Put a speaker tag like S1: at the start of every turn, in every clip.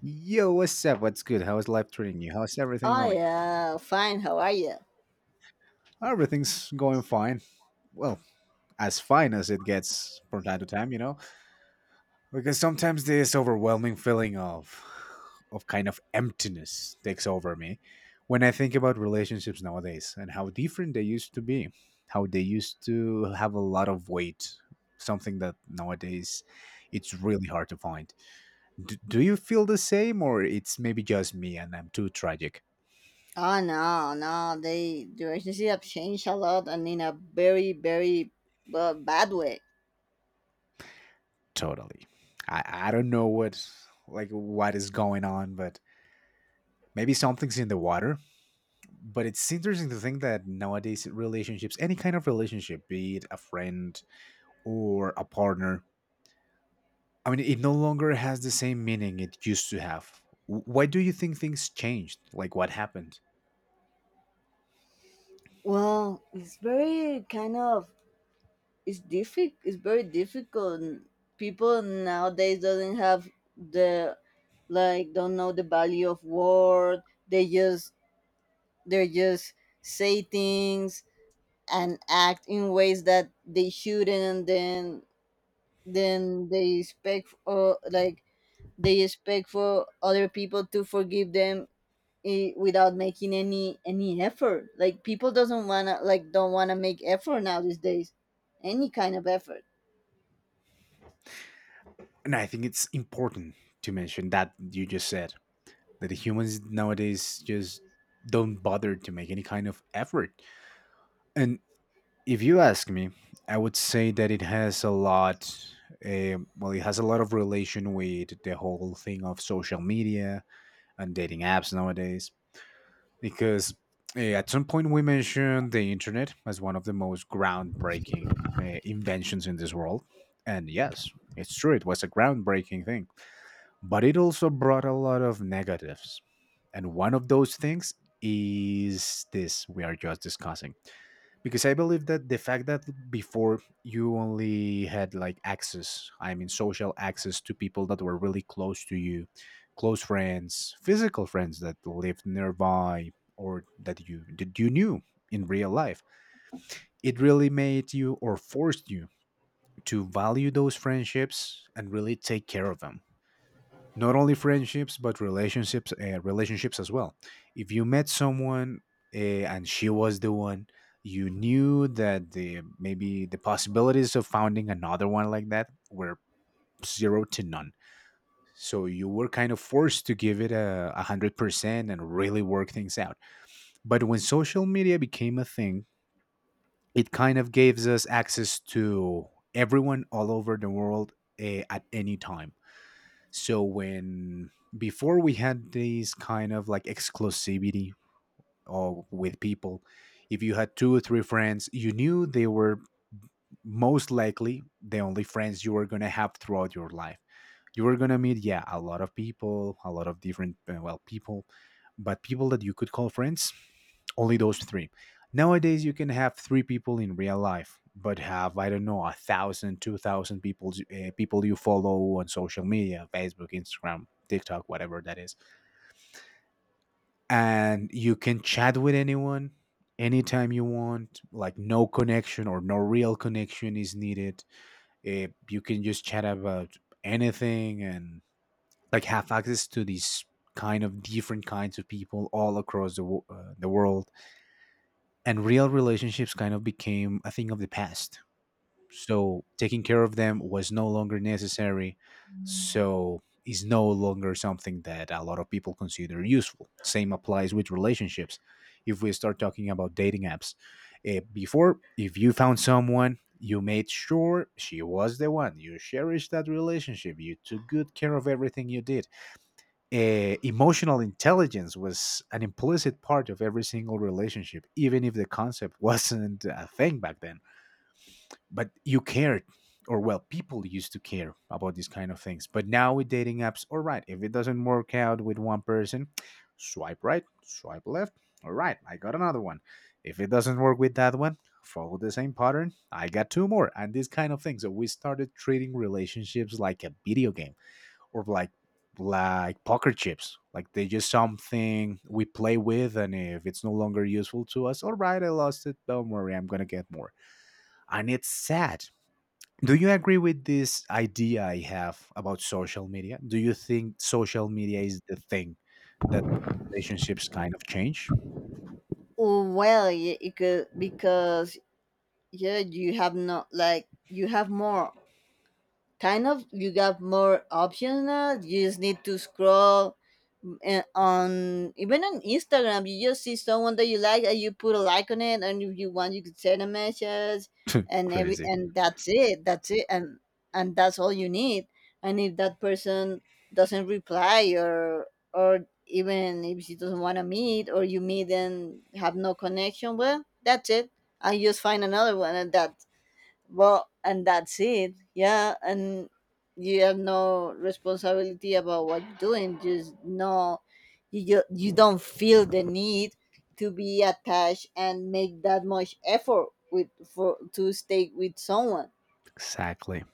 S1: Yo, what's up? What's good? How is life treating you? How's everything
S2: Oh
S1: going?
S2: yeah, fine. How are you?
S1: Everything's going fine. Well, as fine as it gets from time to time, you know? Because sometimes this overwhelming feeling of kind of emptiness takes over me when I think about relationships nowadays and how different they used to be. How they used to have a lot of weight, something that nowadays it's really hard to find. Do you feel the same, or it's maybe just me and I'm too tragic?
S2: Oh no, no. The relationship have changed a lot, and in a very, very bad way.
S1: Totally. I don't know what like what is going on, but maybe something's in the water. But it's interesting to think that nowadays relationships, any kind of relationship, be it a friend or a partner, I mean, it no longer has the same meaning it used to have. Why do you think things changed? Like what happened?
S2: Well, it's very kind of it's difficult. It's very difficult. People nowadays doesn't have the like don't know the value of word. They just they just say things and act in ways that they shouldn't, and then they expect like they expect for other people to forgive them, without making any effort. Like people doesn't wanna, like don't wanna make effort now these days any kind of effort.
S1: And I think it's important to mention that you just said that the humans nowadays just don't bother to make any kind of effort. And if you ask me, I would say that it has a lot. Well, it has a lot of relation with the whole thing of social media and dating apps nowadays, because at some point we mentioned the internet as one of the most groundbreaking inventions in this world, and yes, it's true. It was a groundbreaking thing, but it also brought a lot of negatives. And one of those things is this we are just discussing. Because I believe that the fact that before you only had like access, I mean, social access to people that were really close to you, close friends, physical friends that lived nearby or that you knew in real life, it really made you, or forced you, to value those friendships and really take care of them. Not only friendships, but relationships as well. If you met someone, and she was the one, you knew that the maybe the possibilities of finding another one like that were zero to none, so you were kind of forced to give it a 100% and really work things out. But when social media became a thing, it kind of gives us access to everyone all over the world, at any time. So when before we had these kind of like exclusivity, or with people, if you had two or three friends, you knew they were most likely the only friends you are going to have throughout your life. You are going to meet, yeah, a lot of people, a lot of different, well, people, but people that you could call friends, only those three. Nowadays, you can have three people in real life, but have, I don't know, 1,000, 2,000 people, people you follow on social media, Facebook, Instagram, TikTok, whatever that is. And you can chat with anyone anytime you want, like no connection or no real connection is needed. It, you can just chat about anything, and like have access to these kind of different kinds of people all across the world. And real relationships kind of became a thing of the past, so taking care of them was no longer necessary. Mm. So is no longer something that a lot of people consider useful. Same applies with relationships. If we start talking about dating apps, before, if you found someone, you made sure she was the one, you cherished that relationship, you took good care of everything you did. Emotional intelligence was an implicit part of every single relationship, even if the concept wasn't a thing back then. But you cared, or well, people used to care about these kind of things. But now with dating apps, all right, if it doesn't work out with one person, swipe right, swipe left, all right, I got another one. If it doesn't work with that one, follow the same pattern, I got two more, and this kind of thing. So we started treating relationships like a video game, or like poker chips, like they're just something we play with, and if it's no longer useful to us, all right, I lost it, don't worry, I'm gonna get more. And it's sad. Do you agree with this idea I have about social media? Do you think social media is the thing that relationships kind of change?
S2: Well yeah, it could, because yeah, you have not, like you have more kind of, you got more options now. You just need to scroll, on even on Instagram. You just see someone that you like and you put a like on it, and if you want you could send a message. And every,
S1: Crazy.
S2: and that's it, and that's all you need. And if that person doesn't reply, or even if she doesn't want to meet, or you meet and have no connection, well, that's it. I just find another one, and that, well, and that's it. Yeah, and you have no responsibility about what you're doing. Just no, you don't feel the need to be attached and make that much effort with, for, to stay with someone.
S1: Exactly.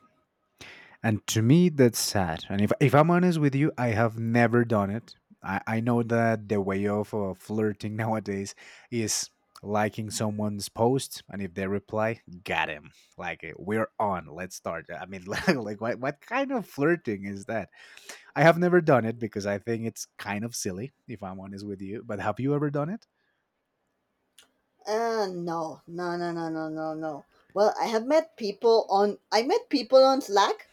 S1: And to me, that's sad. And if I'm honest with you, I have never done it. I know that the way of flirting nowadays is liking someone's post, and if they reply, got him. Like, we're on, let's start. I mean, like what kind of flirting is that? I have never done it because I think it's kind of silly, if I'm honest with you. But have you ever done it?
S2: No, no, no, no, no, no, no. Well, I have met people on. I met people on Slack.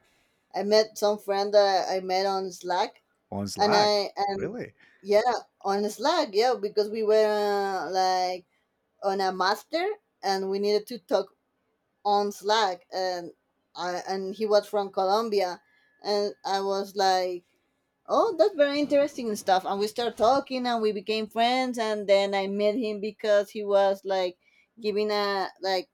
S2: I met some friend that I met on Slack,
S1: On
S2: and
S1: Slack.
S2: I and
S1: Really?
S2: yeah, on Slack, yeah, because we were, like, on a master and we needed to talk on Slack. And I, and he was from Colombia, and I was like, oh, that's very interesting and stuff. And we started talking and we became friends, and then I met him because he was like giving a, like,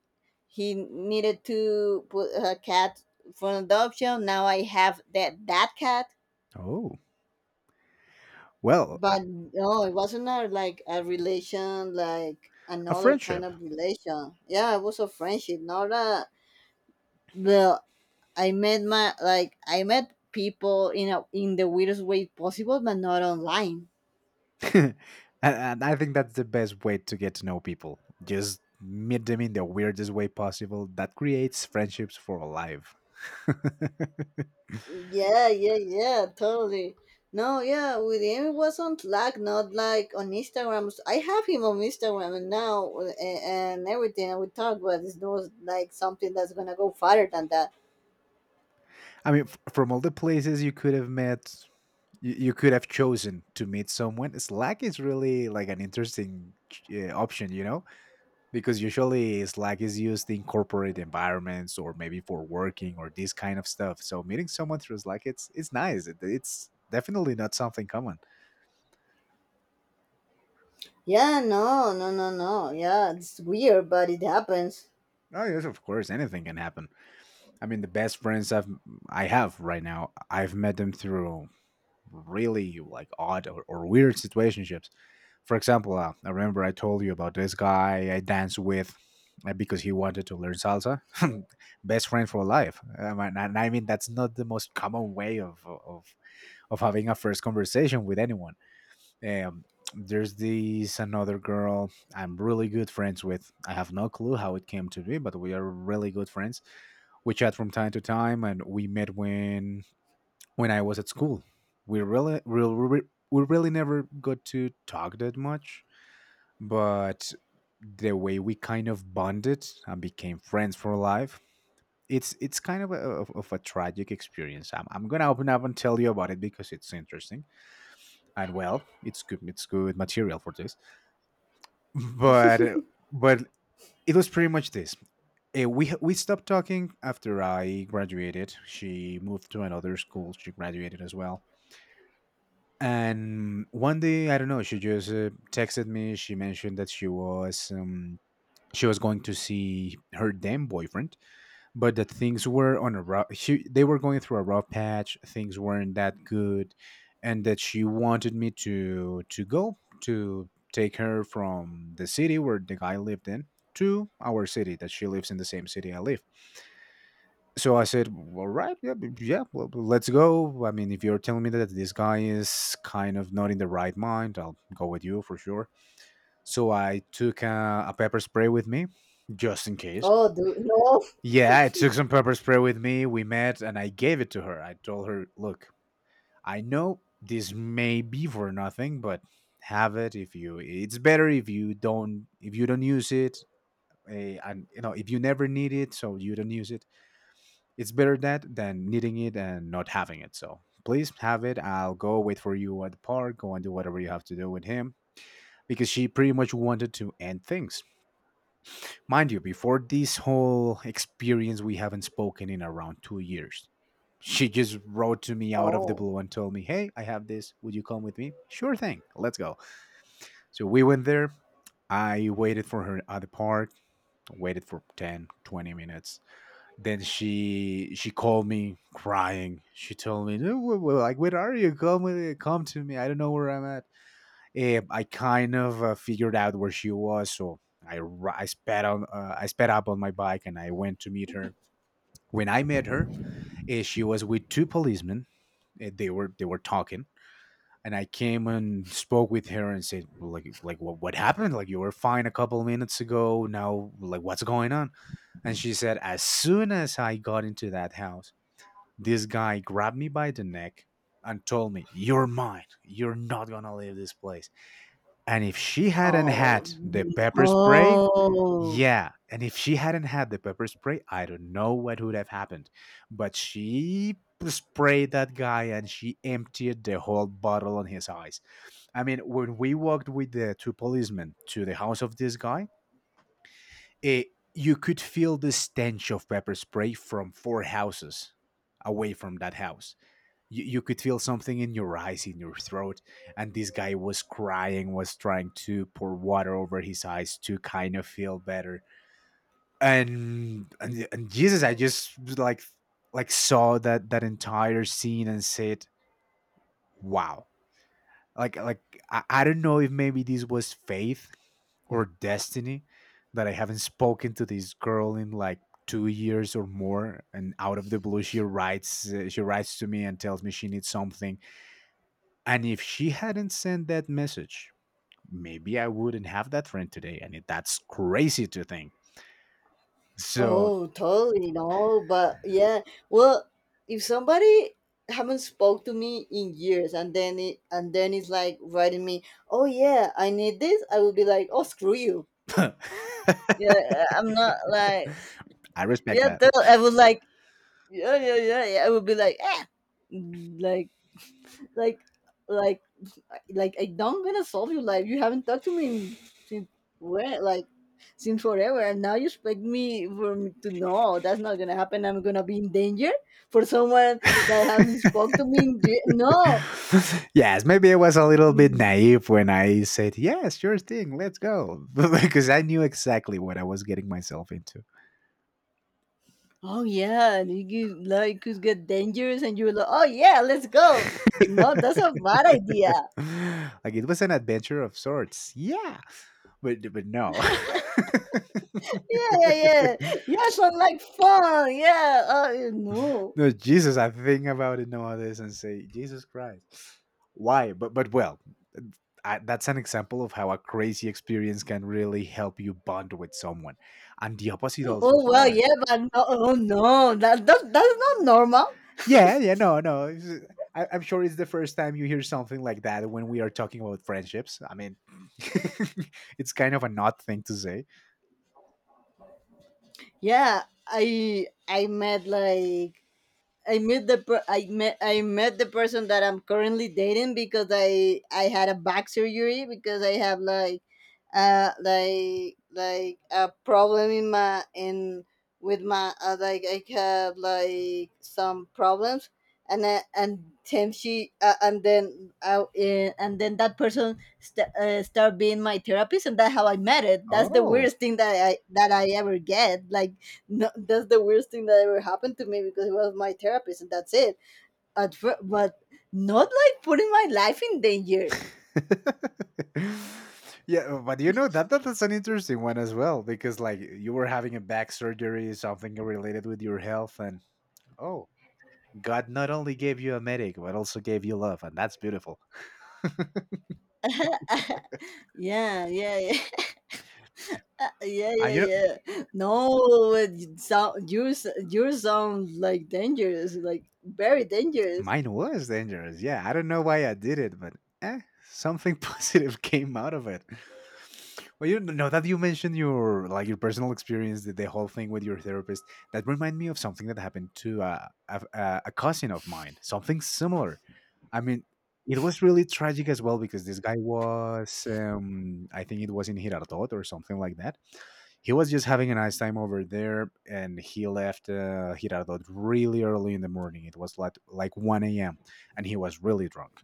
S2: he needed to put a cat for adoption. Now I have that cat.
S1: Oh, well, a,
S2: But no, it wasn't a, like a relation, like
S1: a
S2: another kind
S1: friendship.
S2: of relation. Yeah, it was a friendship, not a. Well, I met my, like I met people in a, in the weirdest way possible, but not online.
S1: and, and I think that's the best way to get to know people. Just meet them in the weirdest way possible. That creates friendships for life.
S2: Yeah, yeah, yeah, totally. No, yeah, with him it was on Slack, not like on Instagram. So I have him on Instagram and now, and everything, and we talk, but it's not like something that's gonna go farther than that.
S1: I mean, from all the places you could have met, you could have chosen to meet someone. Slack is really like an interesting option, because usually Slack is used in corporate environments, or maybe for working, or this kind of stuff. So meeting someone through Slack, it's nice. It's definitely not something common.
S2: Yeah, no, no, no, no. Yeah, it's weird, but it happens.
S1: Oh yes, of course, anything can happen. I mean, the best friends I have right now, I've met them through really like odd, or weird situationships. For example, I remember I told you about this guy I danced with, because he wanted to learn salsa. Best friend for life. And I mean, that's not the most common way of having a first conversation with anyone. Um, there's this another girl I'm really good friends with. I have no clue how it came to be, but we are really good friends. We chat from time to time, and we met when I was at school. We really, really, we really never got to talk that much, but the way we kind of bonded and became friends for life. It's kind of of a tragic experience. I'm gonna open up and tell you about it because it's interesting, and well, it's good material for this. but uh, but it was pretty much this. We stopped talking after I graduated. She moved to another school. She graduated as well. And one day, I don't know, she just texted me. She mentioned that she was going to see her then boyfriend, but that things were on a rough she, they were going through a rough patch, things weren't that good, and that she wanted me to go, to take her from the city where the guy lived in, to our city, that she lives in the same city I live. So I said, all right, yeah, yeah, well, let's go. I mean, if you're telling me that this guy is kind of not in the right mind, I'll go with you for sure. So I took a pepper spray with me, just in case.
S2: Oh, dude, no.
S1: Yeah, I took some pepper spray with me. We met and I gave it to her. I told her, look, I know this may be for nothing, but have it. If you it's better if you don't use it, and you know, if you never need it, so you don't use it, it's better that than needing it and not having it. So please have it. I'll go wait for you at the park, go and do whatever you have to do with him, because she pretty much wanted to end things. Mind you, before this whole experience, we haven't spoken in around 2 years. She just wrote to me out of the
S2: Oh,
S1: blue and told me, "Hey, I have this. Would you come with me?" Sure thing. Let's go. So we went there. I waited for her at the park, waited for 10, 20 minutes. Then she called me crying. She told me, "Like, where are you? Come to me. I don't know where I'm at." I kind of figured out where she was, so I sped up on my bike and I went to meet her. When I met her, she was with two policemen. They were talking, and I came and spoke with her and said, "Well, like what happened? Like you were fine a couple minutes ago. Now like what's going on?" And she said, "As soon as I got into that house, this guy grabbed me by the neck and told me, 'You're mine. You're not gonna leave this place.'" And if she hadn't
S2: oh,
S1: had the pepper spray,
S2: oh.
S1: yeah. And if she hadn't had the pepper spray, I don't know what would have happened. But she sprayed that guy and she emptied the whole bottle on his eyes. I mean, when we walked with the two policemen to the house of this guy, it, you could feel the stench of pepper spray from four houses away from that house. You could feel something in your eyes, in your throat. And this guy was crying, was trying to pour water over his eyes to kind of feel better. And Jesus, I just like saw that entire scene and said, "Wow." like like I don't know if maybe this was faith or destiny, that I haven't spoken to this girl in like 2 years or more, and out of the blue she writes, she writes to me and tells me she needs something. And if she hadn't sent that message, maybe I wouldn't have that friend today. And that's crazy to think. So
S2: Oh, totally no, but yeah. Well, if somebody haven't spoke to me in years and then it, and then it's like writing me, "Oh yeah, I need this." I would be like, "Oh, screw you."
S1: I
S2: Yeah, I'm not like,
S1: respect
S2: yeah,
S1: that.
S2: tell- I would like, yeah, yeah, yeah, yeah. I would be like, "Ah." like like like like I don't gonna solve your life. You haven't talked to me in, since, where, like, since forever, and now you expect me for me to know. "Oh, that's not gonna happen. I'm gonna be in danger for someone that hasn't spoke to me." In ye- no.
S1: Yes, maybe I was a little bit
S2: Mhm.
S1: naive when I said, "Yes, sure thing, let's go." Because I knew exactly what I was getting myself into.
S2: Oh yeah, you get, like, could get dangerous, and you're like, oh yeah, let's go. No, that's a bad idea.
S1: Like it was an adventure of sorts. Yeah. But no.
S2: Yeah, yeah, yeah. Yeah, sounds like fun. Yeah. No.
S1: No, Jesus, I think about it nowadays and say, "Jesus Christ, why?" But well, that's an example of how a crazy experience can really help you bond with someone, and the opposite also
S2: Oh well,
S1: applies.
S2: yeah, but no, oh no, that, that's not normal.
S1: Yeah, yeah, no, no. I'm sure it's the first time you hear something like that when we are talking about friendships. I mean, it's kind of an odd thing to say.
S2: Yeah, I met like, I met, I met the person that I'm currently dating because I had a back surgery because I have like, like a problem in my in, with my, like, I have like some problems. And I, and then she, and then I, and then that person start being my therapist, and that's how I met it. That's the
S1: Oh,
S2: weirdest thing that I ever get like. No, that's the worst thing that ever happened to me because it was my therapist, and that's it. At fir-, but not like putting my life in danger.
S1: yeah, but you know that that is an interesting one as well, because like you were having a back surgery, something related with your health, and oh, God not only gave you a medic but also gave you love, and that's beautiful.
S2: Yeah, yeah, yeah. Yeah,
S1: And
S2: yeah,
S1: you know,
S2: yeah. No, but sound, you s-, you sound like dangerous, like very dangerous.
S1: mine was dangerous. Yeah, I don't know why I did it, but eh, something positive came out of it. Well, you know that you mentioned your like your personal experience, the whole thing with your therapist. That remind me of something that happened to a cousin of mine. Something similar. I mean, it was really tragic as well because this guy was, I think it was in Hirardot or something like that. He was just having a nice time over there and he left Girardot really early in the morning. It was like 1 a.m. And he was really drunk.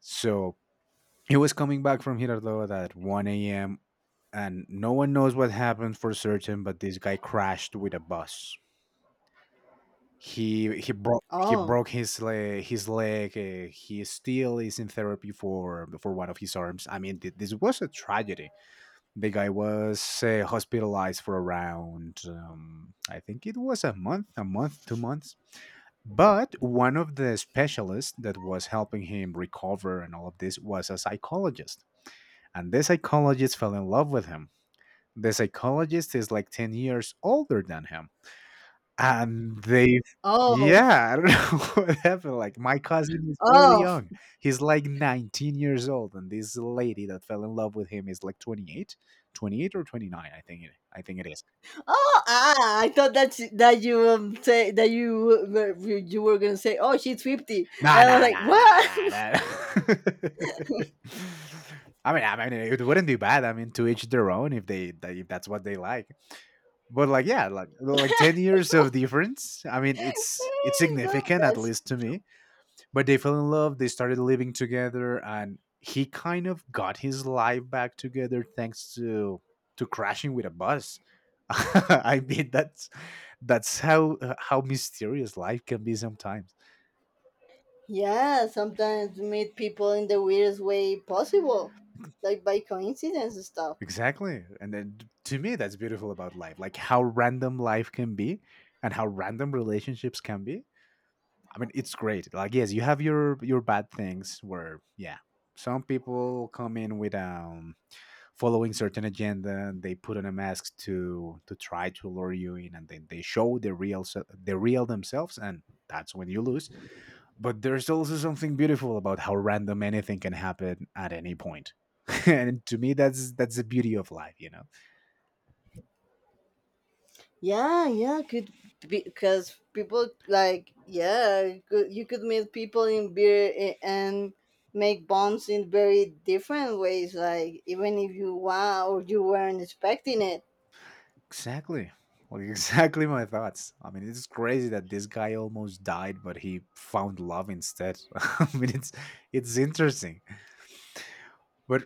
S1: So he was coming back from Girardot at 1 a.m. and no one knows what happened for certain, but this guy crashed with a bus. He
S2: Oh,
S1: broke his leg. His leg. He still is in therapy for one of his arms. I mean, this was a tragedy. The guy was hospitalized for around I think it was a month, 2 months. But one of the specialists that was helping him recover and all of this was a psychologist, and the psychologist fell in love with him. The psychologist is like 10 years older than him, and they've—
S2: oh,
S1: yeah, I don't know what happened. Like, my cousin is really
S2: oh,
S1: young. He's, like, 19 years old, and this lady that fell in love with him is, like, 28, 28 or 29, I think it is.
S2: oh! Ah, I thought that she-, that you say that you were, you were gonna say, oh, she's 50.
S1: Nah,
S2: I was
S1: nah,
S2: like,
S1: nah, nah,
S2: what?
S1: nah, nah. I mean, it wouldn't be bad. I mean, to each their own if they if that's what they like. But, like, yeah, like, 10 years of difference, I mean, it's
S2: No,
S1: significant, at
S2: that's.
S1: least to me. But they fell in love, they started living together, and he kind of got his life back together thanks to crashing with a bus. I mean, that's how mysterious life can be sometimes.
S2: Yeah, sometimes meet people in the weirdest way possible, like by coincidence and stuff.
S1: Exactly. And then, to me that's beautiful about life, like how random life can be and how random relationships can be. I mean, it's great. Like yes, you have your bad things where yeah, some people come in with following certain agenda, they put on a mask to try to lure you in and then they show the real themselves, and that's when you lose. But there's also something beautiful about how random anything can happen at any point. And to me, that's the beauty of life, you know.
S2: Yeah, yeah, could be because people, like, yeah, you could, you could meet people in beer a-, and make bonds in very different ways, like even if you wow or you weren't expecting it.
S1: Exactly. Like exactly my thoughts. I mean, it's crazy that this guy almost died but he found love instead. I mean, it's interesting. But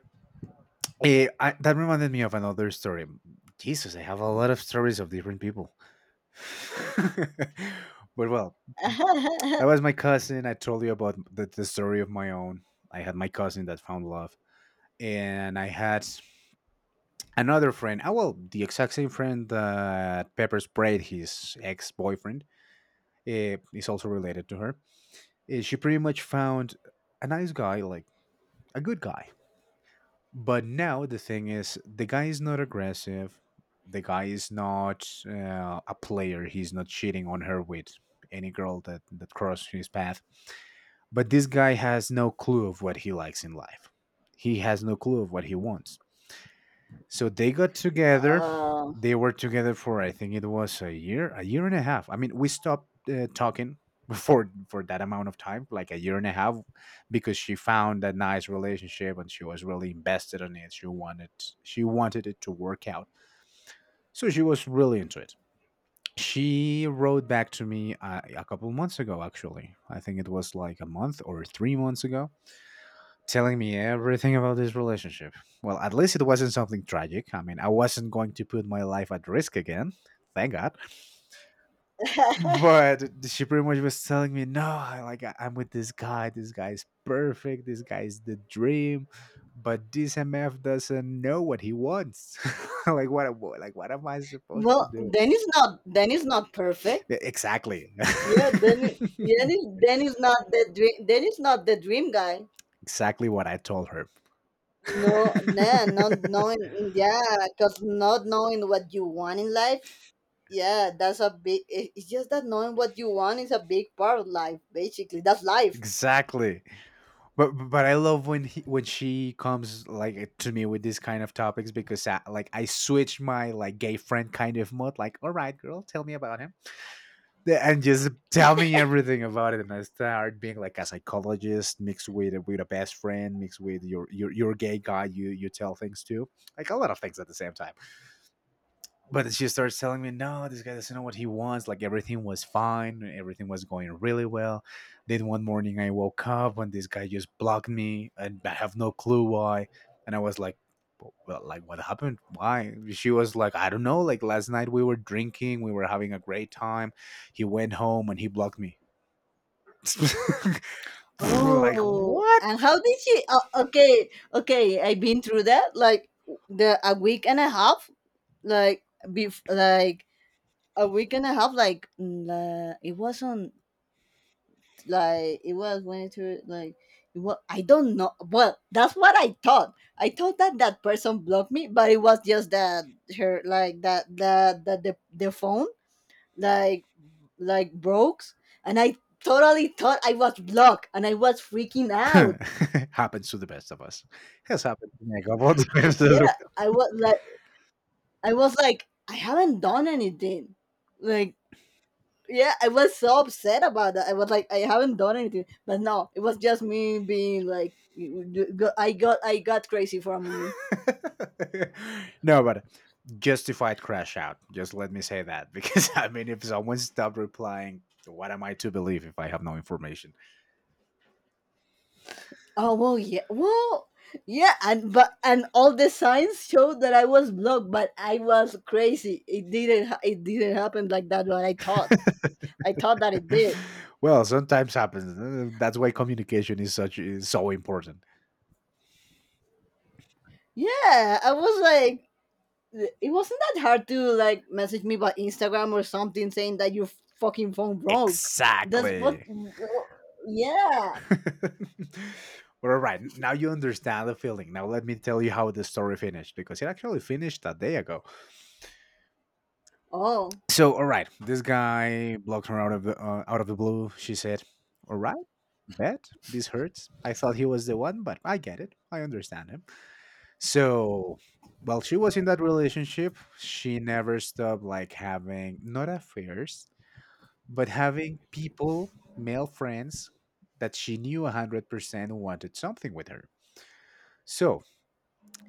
S1: That reminded me of another story. Jesus, I have a lot of stories of different people. But well, that was my cousin. I told you about the story of my own. I had my cousin that found love, and I had another friend. Ah, well, the exact same friend that pepper sprayed his ex boyfriend is also related to her. Eh, she pretty much found a nice guy, like a good guy. But now the thing is, the guy is not aggressive. The guy is not a player. He's not cheating on her with any girl that crossed his path. But this guy has no clue of what he likes in life. He has no clue of what he wants. So they got together.
S2: um,
S1: They were together for I think it was a year and a half. I mean, we stopped talking for that amount of time, like a year and a half, because she found a nice relationship and she was really invested in it. She wanted, it to work out, so she was really into it. She wrote back to me a couple months ago, actually. I think it was like a month or 3 months ago, telling me everything about this relationship. Well, at least it wasn't something tragic. I mean, I wasn't going to put my life at risk again. Thank God. But she pretty much was telling me, "No, like I'm with this guy. This guy's perfect. This guy's the dream. But this MF doesn't know what he wants." Like what? Like what am I supposed to
S2: well,
S1: do?
S2: then it's not, then it's not perfect.
S1: Exactly.
S2: Yeah, then it, then it's not the dream. Then it's not the dream guy.
S1: Exactly what I told her.
S2: No, nah, not knowing, yeah, because not knowing what you want in life, yeah, that's a big. It's just that knowing what you want is a big part of life, basically. That's life.
S1: Exactly. But I love when when she comes like to me with these kind of topics, because like I switch my like gay friend kind of mode, like, "All right, girl, tell me about him and just tell me everything about it." And I start being like a psychologist mixed with with a best friend mixed with your your gay guy you tell things to, like a lot of things at the same time. But she starts telling me, "No, this guy doesn't know what he wants. Like everything was fine, everything was going really well. Then one morning I woke up and this guy just blocked me, and I have no clue why." And I was like, "Well, like what happened? Why?" She was like, "I don't know. Like last night we were drinking, we were having a great time. He went home and he blocked me." Like
S2: Oh,
S1: what?
S2: and how did she? Oh, okay, okay, I've been through that like, the a week and a half, like bef- like a week and a half, like la, it wasn't like, it was went through like, it was, I don't know. Well, that's what I thought. I thought that that person blocked me, but it was just that her, like, that that the phone like like broke. And I totally thought I was blocked and I was freaking out.
S1: Happens to the best of us. Has happened to me a couple of times as well.
S2: Yeah, I was like, I was like, I haven't done anything, like. Yeah, I was so upset about that. I was like, I haven't done anything, but no, it was just me being like, I got crazy for a moment.
S1: No, but justified crash out. Just let me say that. Because I mean, if someone stopped replying, what am I to believe if I have no information?
S2: Oh well, yeah, well, yeah, and but, and all the signs showed that I was blocked, but I was crazy. It didn't, ha- it didn't happen like that. What I thought that it did.
S1: Well, sometimes happens. That's why communication is such is so important.
S2: Yeah, I was like, it wasn't that hard to like message me by Instagram or something saying that your fucking phone broke. That's what.
S1: Exactly.
S2: Yeah.
S1: All right, now you understand the feeling. Now let me tell you how the story finished, because it actually finished a day ago.
S2: Oh.
S1: So, all right, this guy blocked her out of the blue. She said, "All right, bet this hurts. I thought he was the one, but I get it. I understand him." So, while she was in that relationship, she never stopped like having, not affairs, but having people, male friends that she knew 100% wanted something with her. So,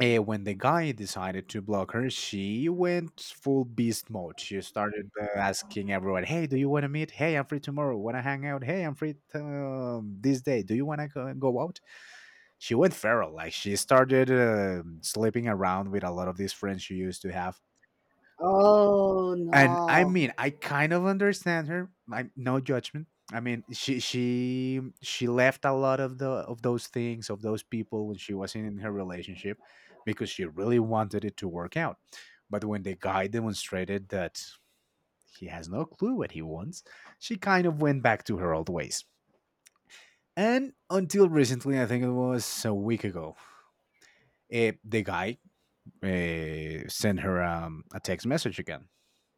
S1: When the guy decided to block her, she went full beast mode. She started asking everyone, "Hey, do you want to meet? Hey, I'm free tomorrow. Want to hang out? Hey, I'm free this day. Do you want to go out?" She went feral. Like she started sleeping around with a lot of these friends she used to have.
S2: Oh
S1: And I
S2: no.
S1: mean, I kind of understand her. I— no judgment. I mean, she left a lot of the of those things of those people when she was in her relationship because she really wanted it to work out. But when the guy demonstrated that he has no clue what he wants, she kind of went back to her old ways. And until recently, I think it was a week ago, the guy sent her a text message again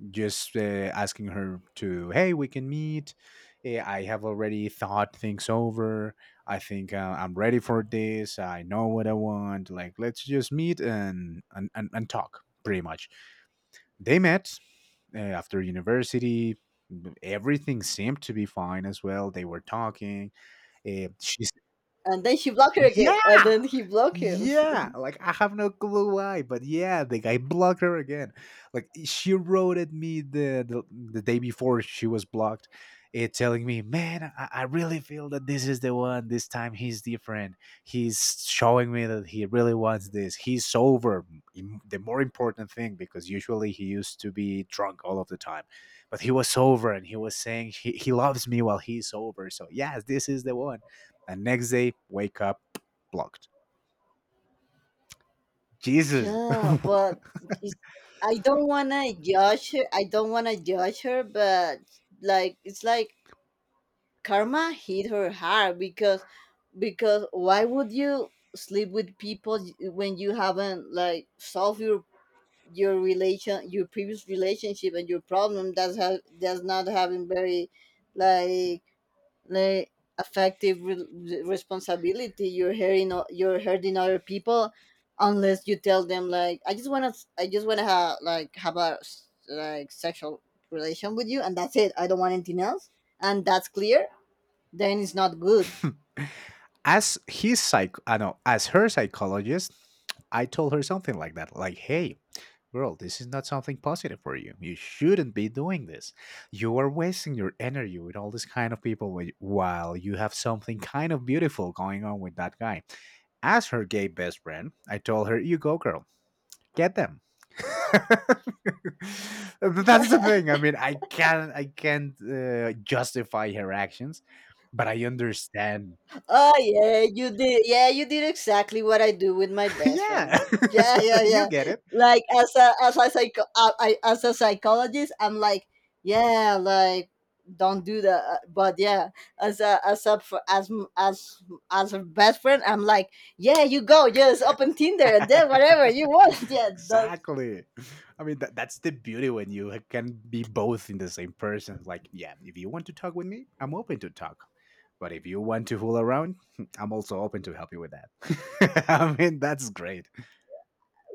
S1: just asking her to, "Hey, we can meet. I have already thought things over. I think I'm ready for this. I know what I want. Like, let's just meet and and talk." Pretty much they met after university. Everything seemed to be fine as well. They were talking. Eh, she's
S2: And then she blocked her again. And
S1: Yeah,
S2: then he blocked him.
S1: yeah, like I have no clue why, but yeah, the guy blocked her again. Like, she wrote at me the day before she was blocked, it telling me, "Man, I really feel that this is the one. This time he's different. He's showing me that he really wants this. He's sober. The more important thing, because usually he used to be drunk all of the time, but he was sober and he was saying he loves me while he's sober. So yes, this is the one." And next day, wake up, blocked. Jesus.
S2: Yeah, but it's, I don't wanna judge her. I don't wanna judge her, but like, it's like karma hit her hard because why would you sleep with people when you haven't like solved your relation, your previous relationship and your problem, that's ha-, that's not having very like. Like affective re- re- responsibility. You're hurting o-, you're hurting other people. Unless you tell them like, I just want to, have like, have a s-, like sexual relation with you, and that's it, I don't want anything else, and that's clear, then it's not good.
S1: I know, as her psychologist, I told her something like that, like, "Hey, girl, this is not something positive for you. You shouldn't be doing this. You are wasting your energy with all this kind of people whi- while you have something kind of beautiful going on with that guy." As her gay best friend, I told her, "You go, girl. Get them." That's the thing. I mean, I can't justify her actions, but I understand.
S2: Oh yeah, you did. Yeah, you did exactly what I do with my best friend.
S1: Yeah,
S2: Yeah, yeah,
S1: you
S2: yeah.
S1: get it.
S2: Like as a, as a psycho, I, as a psychologist, I'm like, yeah, like, don't do that. But yeah, as a, as a fr- as m- as a best friend, I'm like, yeah, you go, just open Tinder and then whatever you want. Yeah.
S1: Exactly. I mean, that's the beauty when you can be both in the same person. Like, yeah, if you want to talk with me, I'm open to talk. But if you want to fool around, I'm also open to help you with that. I mean, that's great.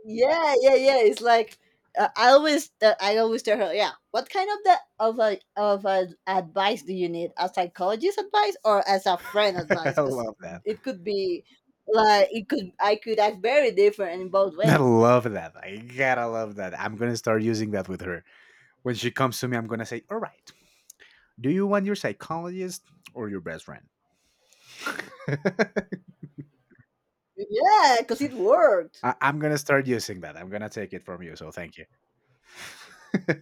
S2: Yeah, yeah, yeah. It's like, I always tell her, yeah. What kind of the of a advice do you need? A psychologist advice or as a friend advice?
S1: I
S2: Because
S1: love that.
S2: it could be like, it could, I could act very different in both
S1: I
S2: ways.
S1: love that. I gotta love that. I'm gonna start using that with her. When she comes to me, I'm gonna say, "All right, do you want your psychologist or your best friend?" I-
S2: Yeah, because it worked.
S1: I'm gonna start using that. I'm gonna take it from you. So thank you.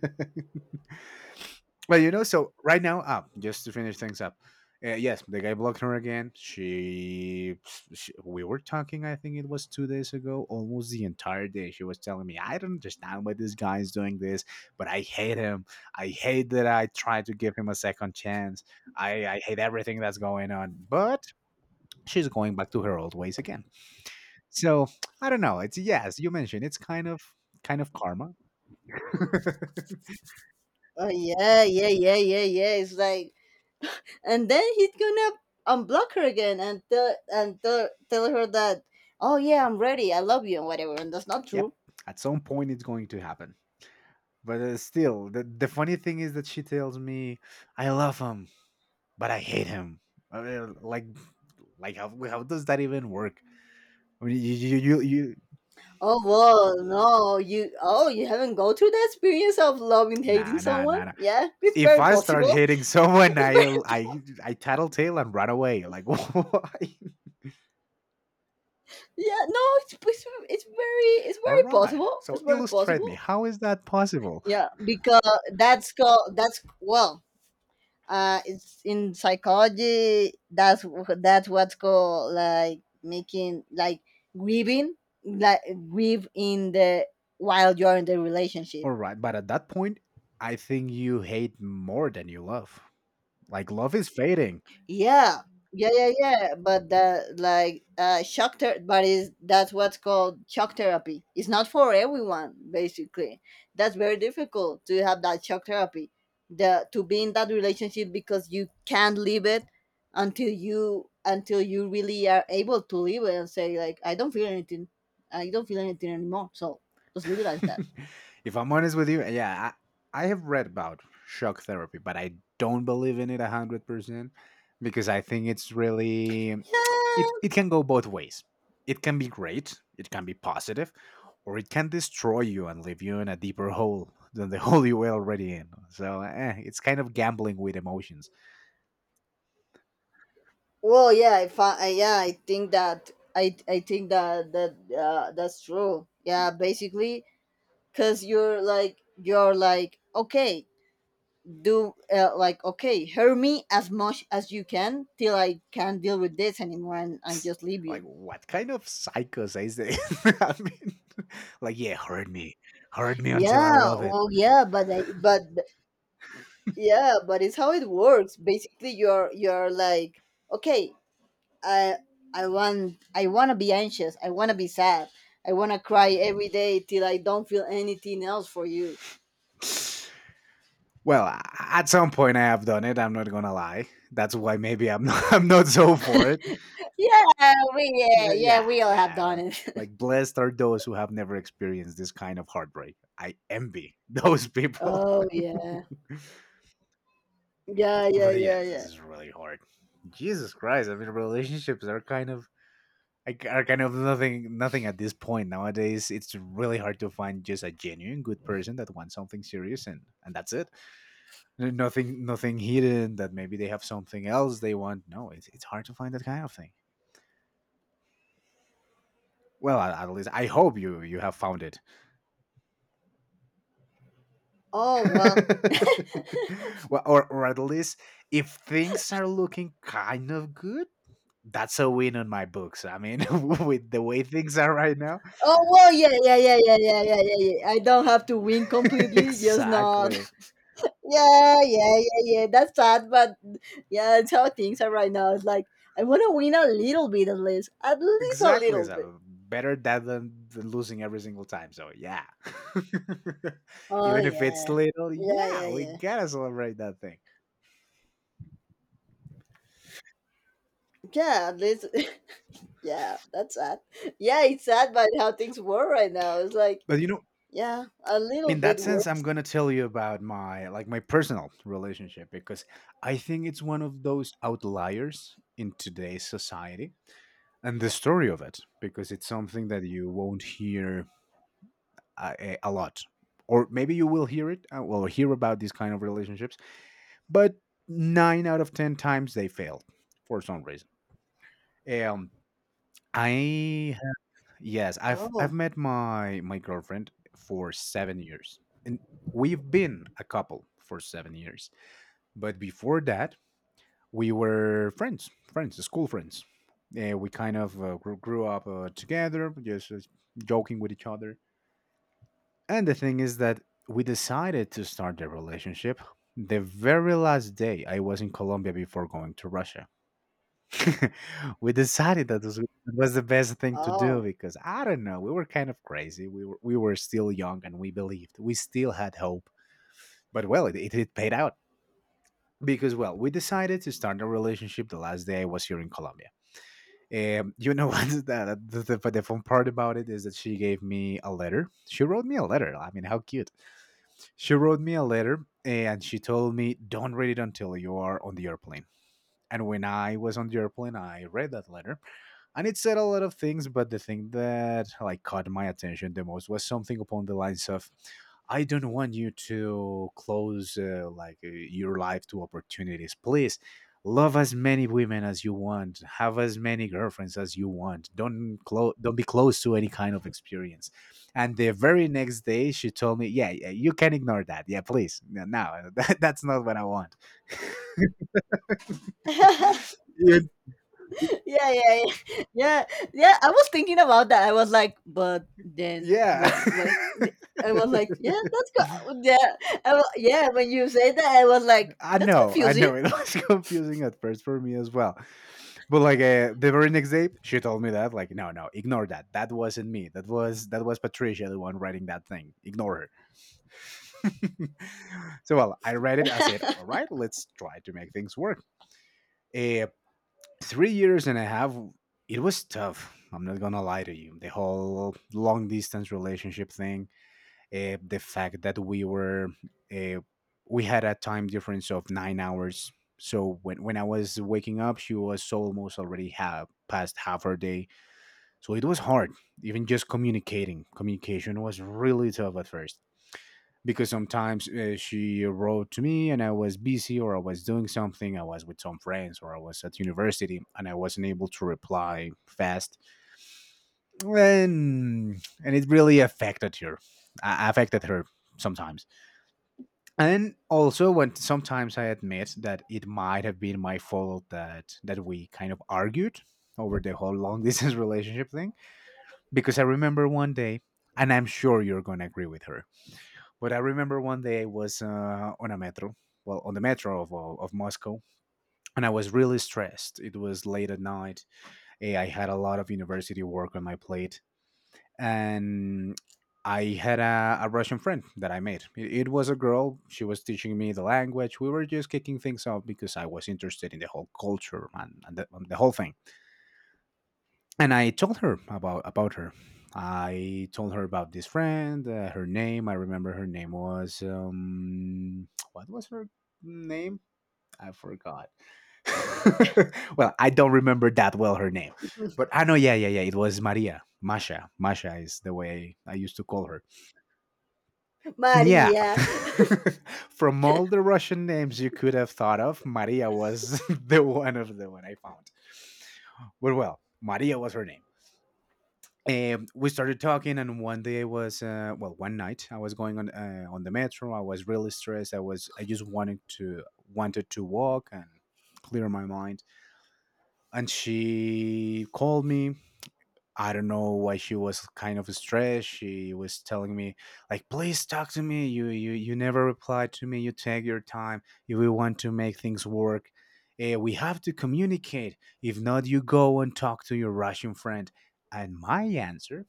S1: Well, you know, so right now, just to finish things up, yes, the guy blocked her again. We were talking. I think it was 2 days ago, almost the entire day. She was telling me, "I don't understand why this guy is doing this, but I hate him. I hate that I tried to give him a second chance. I hate everything that's going on." But she's going back to her old ways again. So I don't know. It's Yes, you mentioned it's kind of karma.
S2: Oh yeah, yeah, yeah, yeah, yeah. It's like, and then he's gonna unblock her again and tell, and tell, tell her that, oh yeah, I'm ready, I love you, and whatever. And that's not
S1: Yep.
S2: true.
S1: At some point, it's going to happen. But still, the funny thing is that she tells me, "I love him, but I hate him." I mean, like how does that even work? I mean, you
S2: Oh well, no, you, oh, you haven't go through the experience of loving hating
S1: nah nah
S2: someone.
S1: nah nah.
S2: Yeah, it's
S1: If
S2: very
S1: I start
S2: possible.
S1: hating someone,
S2: It's very,
S1: I tattletale and run away. Like, why?
S2: yeah, no, it's, it's very, it's
S1: All
S2: very
S1: right.
S2: possible.
S1: So
S2: It's very
S1: illustrate me.
S2: possible.
S1: How is that possible?
S2: Yeah, because that's called, that's, well, it's in psychology. That's wh-, that's what's called, like, making like, grieving, like, grieve in the, while you're in the relationship.
S1: All right. But at that point, I think you hate more than you love. Like, love is fading.
S2: Yeah, yeah, yeah, yeah. But that, like, shock therapy, but is that's what's called shock therapy. It's not for everyone, basically. That's very difficult to have that shock therapy, the to be in that relationship because you can't leave it until you, until you really are able to leave it and say like, I don't feel anything, I don't feel anything anymore. So just leave it like that.
S1: If I'm honest with you, yeah, I have read about shock therapy, but I don't believe in it 100% because I think it's really it
S2: Yeah.
S1: can go both ways. It can be great, it can be positive, or it can destroy you and leave you in a deeper hole than the hole you were already in. So it's kind of gambling with emotions.
S2: Well, yeah, I find, yeah, I think that I think that that, that's true. Yeah, basically, 'cause you're like, okay, do, okay, hurt me as much as you can till I can't deal with this anymore, and just leave
S1: Like,
S2: you.
S1: what kind of psychos is this? I mean, like, yeah, hurt me until I
S2: Yeah,
S1: love it.
S2: well, yeah, but I, but yeah, but it's how it works. Basically, you're like, okay, I I want, I want to be anxious. I want to be sad. I want to cry every day till I don't feel anything else for you.
S1: Well, a at some point I have done it, I'm not gonna lie. That's why maybe I'm not I'm not so for it.
S2: Yeah, we, yeah,
S1: Yeah,
S2: yeah,
S1: yeah,
S2: we all have done
S1: yeah.
S2: it.
S1: Like, blessed are those who have never experienced this kind of heartbreak. I envy those people.
S2: Oh yeah. Yeah, yeah,
S1: But
S2: yeah,
S1: yes, this
S2: yeah.
S1: is really hard. Jesus Christ, I mean, relationships are kind of are kind of nothing at this point. Nowadays, it's really hard to find just a genuine good person that wants something serious and that's it. Nothing nothing hidden that maybe they have something else they want. No, it's hard to find that kind of thing. Well, at least I hope you have found it.
S2: Oh well.
S1: Well, or at least if things are looking kind of good, that's a win on my books. I mean, with the way things are right now
S2: Oh well, yeah, yeah, yeah, yeah, yeah, yeah, yeah, yeah. I don't have to win completely, just not.
S1: exactly.
S2: Yeah, yeah, yeah, yeah. That's sad, but yeah, it's how things are right now. It's like I want to win a little bit, at least a
S1: Exactly,
S2: little bit.
S1: so better that than losing every single time. So yeah,
S2: Oh
S1: even if it's
S2: yeah,
S1: little,
S2: yeah,
S1: yeah,
S2: yeah,
S1: we
S2: yeah.
S1: gotta celebrate that thing.
S2: Yeah, this. Yeah, that's sad. Yeah, it's sad by how things were right now. It's like,
S1: But you know,
S2: yeah, a little
S1: in that
S2: bit
S1: sense I'm
S2: worse.
S1: going to tell you about my like my personal relationship, because I think it's one of those outliers in today's society. And the story of it, because it's something that you won't hear a lot, or maybe you will hear it well, hear about these kind of relationships, but 9 out of 10 times they failed for some reason. Um I Yes, I've
S2: Oh,
S1: met my girlfriend for 7 years. And we've been a couple for 7 years. But before that, we were friends, school friends. We kind of grew up together, just joking with each other. And the thing is that we decided to start the relationship the very last day I was in Colombia before going to Russia. We decided that that was the best thing to do
S2: oh.
S1: because I don't know, we were kind of crazy. We were still young and we believed. We still had hope. But well, it paid out because well, we decided to start a relationship the last day I was here in Colombia. You know what? The fun part about it is that she gave me a letter. She wrote me a letter. I mean, how cute. She wrote me a letter and she told me, "Don't read it until you are on the airplane." And when I was on the airplane, I read that letter, and it said a lot of things, but the thing that like caught my attention the most was something upon the lines of, "I don't want you to close like your life to opportunities. Please love as many women as you want, have as many girlfriends as you want. Don't close, don't be close to any kind of experience." And the very next day she told me, "Yeah, yeah, you can ignore that. Yeah, please, no, that's not what I want."
S2: Yeah,
S1: You-
S2: yeah, yeah, yeah, yeah. I was thinking about that. I was like, but then
S1: yeah.
S2: what? Wait, th-. I was like, yeah, that's co-, yeah, yeah. When you say that, I was like,
S1: I
S2: that's
S1: know, I
S2: confusing.
S1: know. It was confusing at first for me as well. But like, the very next day, she told me that like, no, no, ignore that. That wasn't me. That was Patricia, the one writing that thing. Ignore her. So well, I read it. I said, all right, let's try to make things work. Uh, three years and a half. It was tough. I'm not gonna lie to you. The whole long distance relationship thing, the fact that we were uh, we had a time difference of 9 hours, so when I was waking up she was almost already half past half her day. So it was hard. Even just communicating communication was really tough at first, because sometimes she wrote to me and I was busy, or I was doing something, I was with some friends, or I was at university and I wasn't able to reply fast. and and it really affected her. I affected her sometimes. And also when sometimes I admit that it might have been my fault that we kind of argued over the whole long distance relationship thing. Because I remember one day, and I'm sure you're going to agree with her, but I remember one day I was on a metro, well, on the metro of Moscow. And I was really stressed, it was late at night. I had a lot of university work on my plate. And I had a Russian friend that I made. It was a girl. She was teaching me the language. We were just kicking things off because I was interested in the whole culture and the whole thing. And I told her about her. I told her about this friend. Her name, I remember her name was what was her name? I forgot. Well, I don't remember that well her name, but I know. Yeah, yeah, yeah. It was Maria. Masha. Masha is the way I used to call her. Yeah.
S2: Maria.
S1: From all the Russian names you could have thought of, Maria was the one I found. But well, Maria was her name. And we started talking, and one day I was well, one night I was going on the metro. I was really stressed. I just wanted to walk and clear my mind. And she called me. I don't know why. She was kind of stressed. She was telling me, like, please talk to me. You never reply to me. You take your time. If we want to make things work, we have to communicate. If not, you go and talk to your Russian friend. And my answer,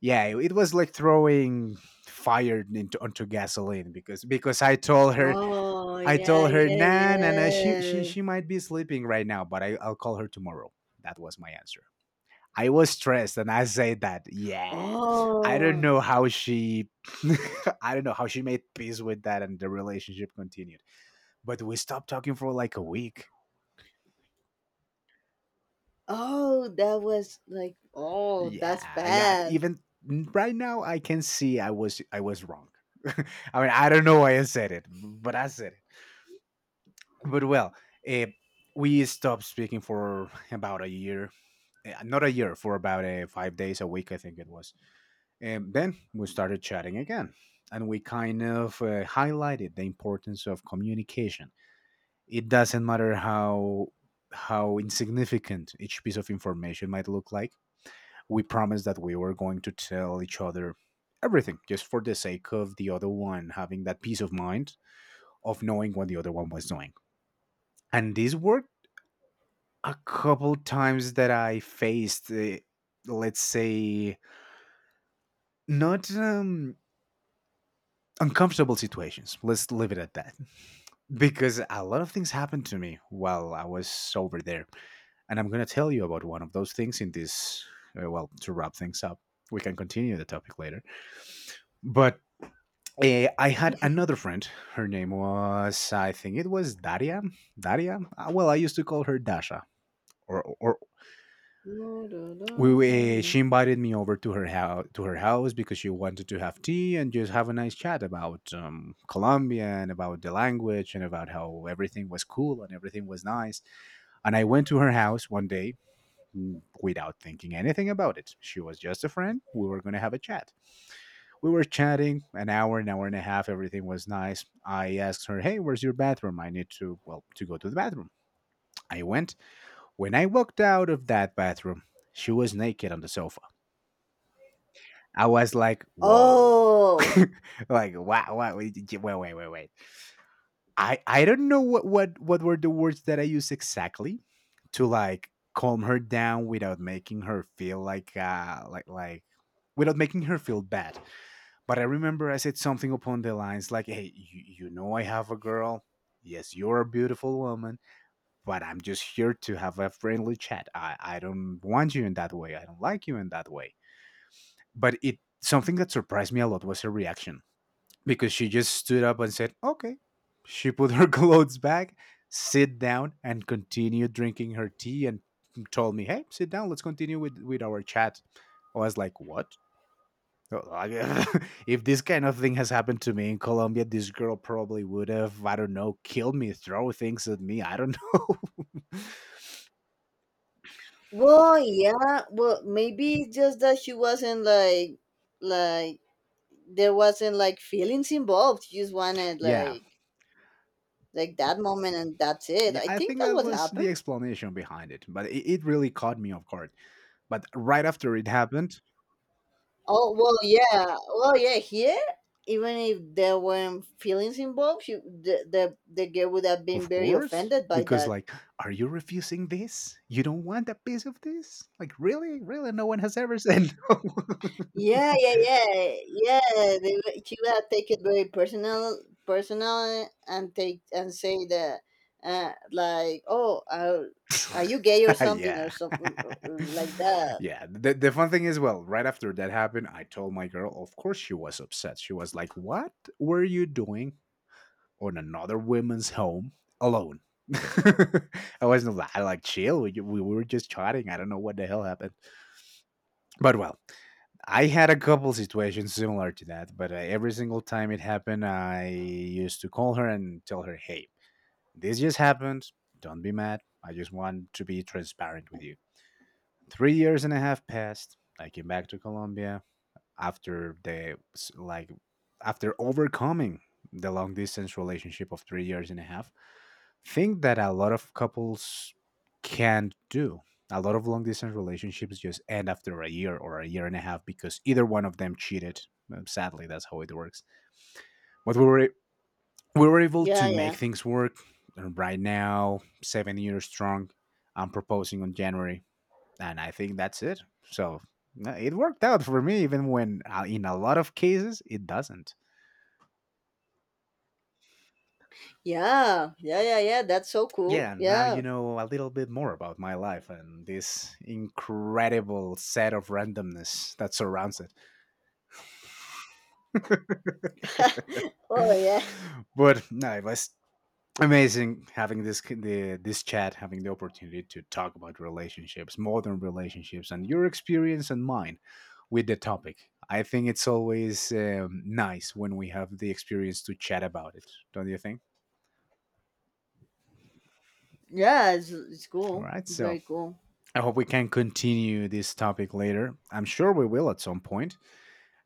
S1: yeah, it was like throwing fire into onto gasoline, because I told her,
S2: Oh,
S1: I
S2: yeah,
S1: told her,
S2: yeah,
S1: nah nah nah, she she
S2: yeah.
S1: she might be sleeping right now, but I'll call her tomorrow. That was my answer. I was stressed and I say that, yeah. I don't
S2: Oh.
S1: know how she, I don't know how she made peace with that and the relationship continued. But we stopped talking for like a week.
S2: Oh, that was like, oh, that's
S1: Yeah, yeah.
S2: bad.
S1: Even right now I can see I was wrong. I mean, I don't know why I said it, but I said it. But well, eh, we stopped speaking for about a year. Not a year, for about 5 days a week, I think it was. And then we started chatting again, and we kind of highlighted the importance of communication. It doesn't matter how insignificant each piece of information might look like. We promised that we were going to tell each other everything just for the sake of the other one having that peace of mind of knowing what the other one was doing. And this worked a couple times that I faced, let's say, not uncomfortable situations. Let's leave it at that. Because a lot of things happened to me while I was over there. And I'm going to tell you about one of those things in this, well, to wrap things up. We can continue the topic later. But I had another friend. Her name was, I think it was Daria. Daria? Well, I used to call her Dasha, or,
S2: No, no, no, no,
S1: we
S2: no.
S1: she invited me over to her house because she wanted to have tea and just have a nice chat about Colombia and about the language and about how everything was cool and everything was nice. And I went to her house one day, without thinking anything about it. She was just a friend. We were going to have a chat. We were chatting an hour and a half. Everything was nice. I asked her, "Hey, where's your bathroom? I need to, well, to go to the bathroom." I went. When I walked out of that bathroom, she was naked on the sofa. I was like, whoa.
S2: Oh,
S1: Like wow, wow, wait, wait, wait, wait, wait. I don't know what were the words that I used exactly to, like, calm her down without making her feel like, without making her feel bad. But I remember I said something upon the lines like, "Hey, you know I have a girl. Yes, you're a beautiful woman, but I'm just here to have a friendly chat. I don't want you in that way. I don't like you in that way." But it, something that surprised me a lot was her reaction, because she just stood up and said, "Okay." She put her clothes back, sit down, and continued drinking her tea, and told me, "Hey, sit down. Let's continue with our chat." I was like, "What?" If this kind of thing has happened to me in Colombia, this girl probably would have, I don't know, killed me, throw things at me. I don't know.
S2: well, yeah. Well, maybe it's just that she wasn't like, there wasn't like feelings involved. She just wanted
S1: Yeah.
S2: like that moment, and that's it.
S1: Yeah,
S2: I
S1: I
S2: think
S1: think
S2: that's
S1: that
S2: what
S1: was the
S2: happened.
S1: explanation behind it. But it really caught me off guard. But right after it happened,
S2: Oh, well, yeah. Well, yeah, here, even if there weren't feelings involved, she, the, the girl would have been
S1: of
S2: very
S1: course.
S2: offended by
S1: Because,
S2: that.
S1: like, are you refusing this? You don't want a piece of this? Like, really? Really? No one has ever said no.
S2: Yeah, yeah, yeah, yeah. They, will- she will take it very personal, personal, eh, and take and say that, like, oh, are you gay or something,
S1: Yeah.
S2: or something like that?
S1: Yeah. The fun thing is, well, right after that happened, I told my girl. Of course, she was upset. She was like, what were you doing on another woman's home alone? I wasn't li- I like chill. We were just chatting. I don't know what the hell happened. But well, I had a couple situations similar to that, but every single time it happened, I used to call her and tell her, hey, this just happened. Don't be mad. I just want to be transparent with you. 3 years and a half passed. I came back to Colombia after like after overcoming the long distance relationship of 3 years and a half, thing that a lot of couples can't do. A lot of long distance relationships just end after a year or a year and a half because either one of them cheated. Sadly, that's how it works, but we were, we were able to
S2: Yeah,
S1: make
S2: yeah,
S1: things work. And right now, 7 years strong, I'm proposing on January, and I think that's it. So no, it worked out for me, even when, in a lot of cases it doesn't.
S2: yeah, yeah, yeah, yeah. That's so cool.
S1: Yeah, and now you
S2: Yeah.
S1: know a little bit more about my life and this incredible set of randomness that surrounds it.
S2: Oh yeah.
S1: But no, it was amazing having this, this chat, having the opportunity to talk about relationships, modern relationships, and your experience and mine with the topic. I think it's always nice when we have the experience to chat about it, don't you think?
S2: Yeah, it's
S1: All
S2: cool.
S1: right. So
S2: Very cool.
S1: I hope we can continue this topic later. I'm sure we will at some point,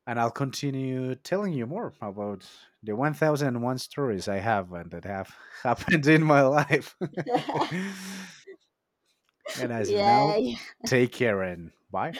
S1: and I'll continue telling you more about the 1001 stories I have and that have happened in my life. And as of now,
S2: Yeah.
S1: take care and bye.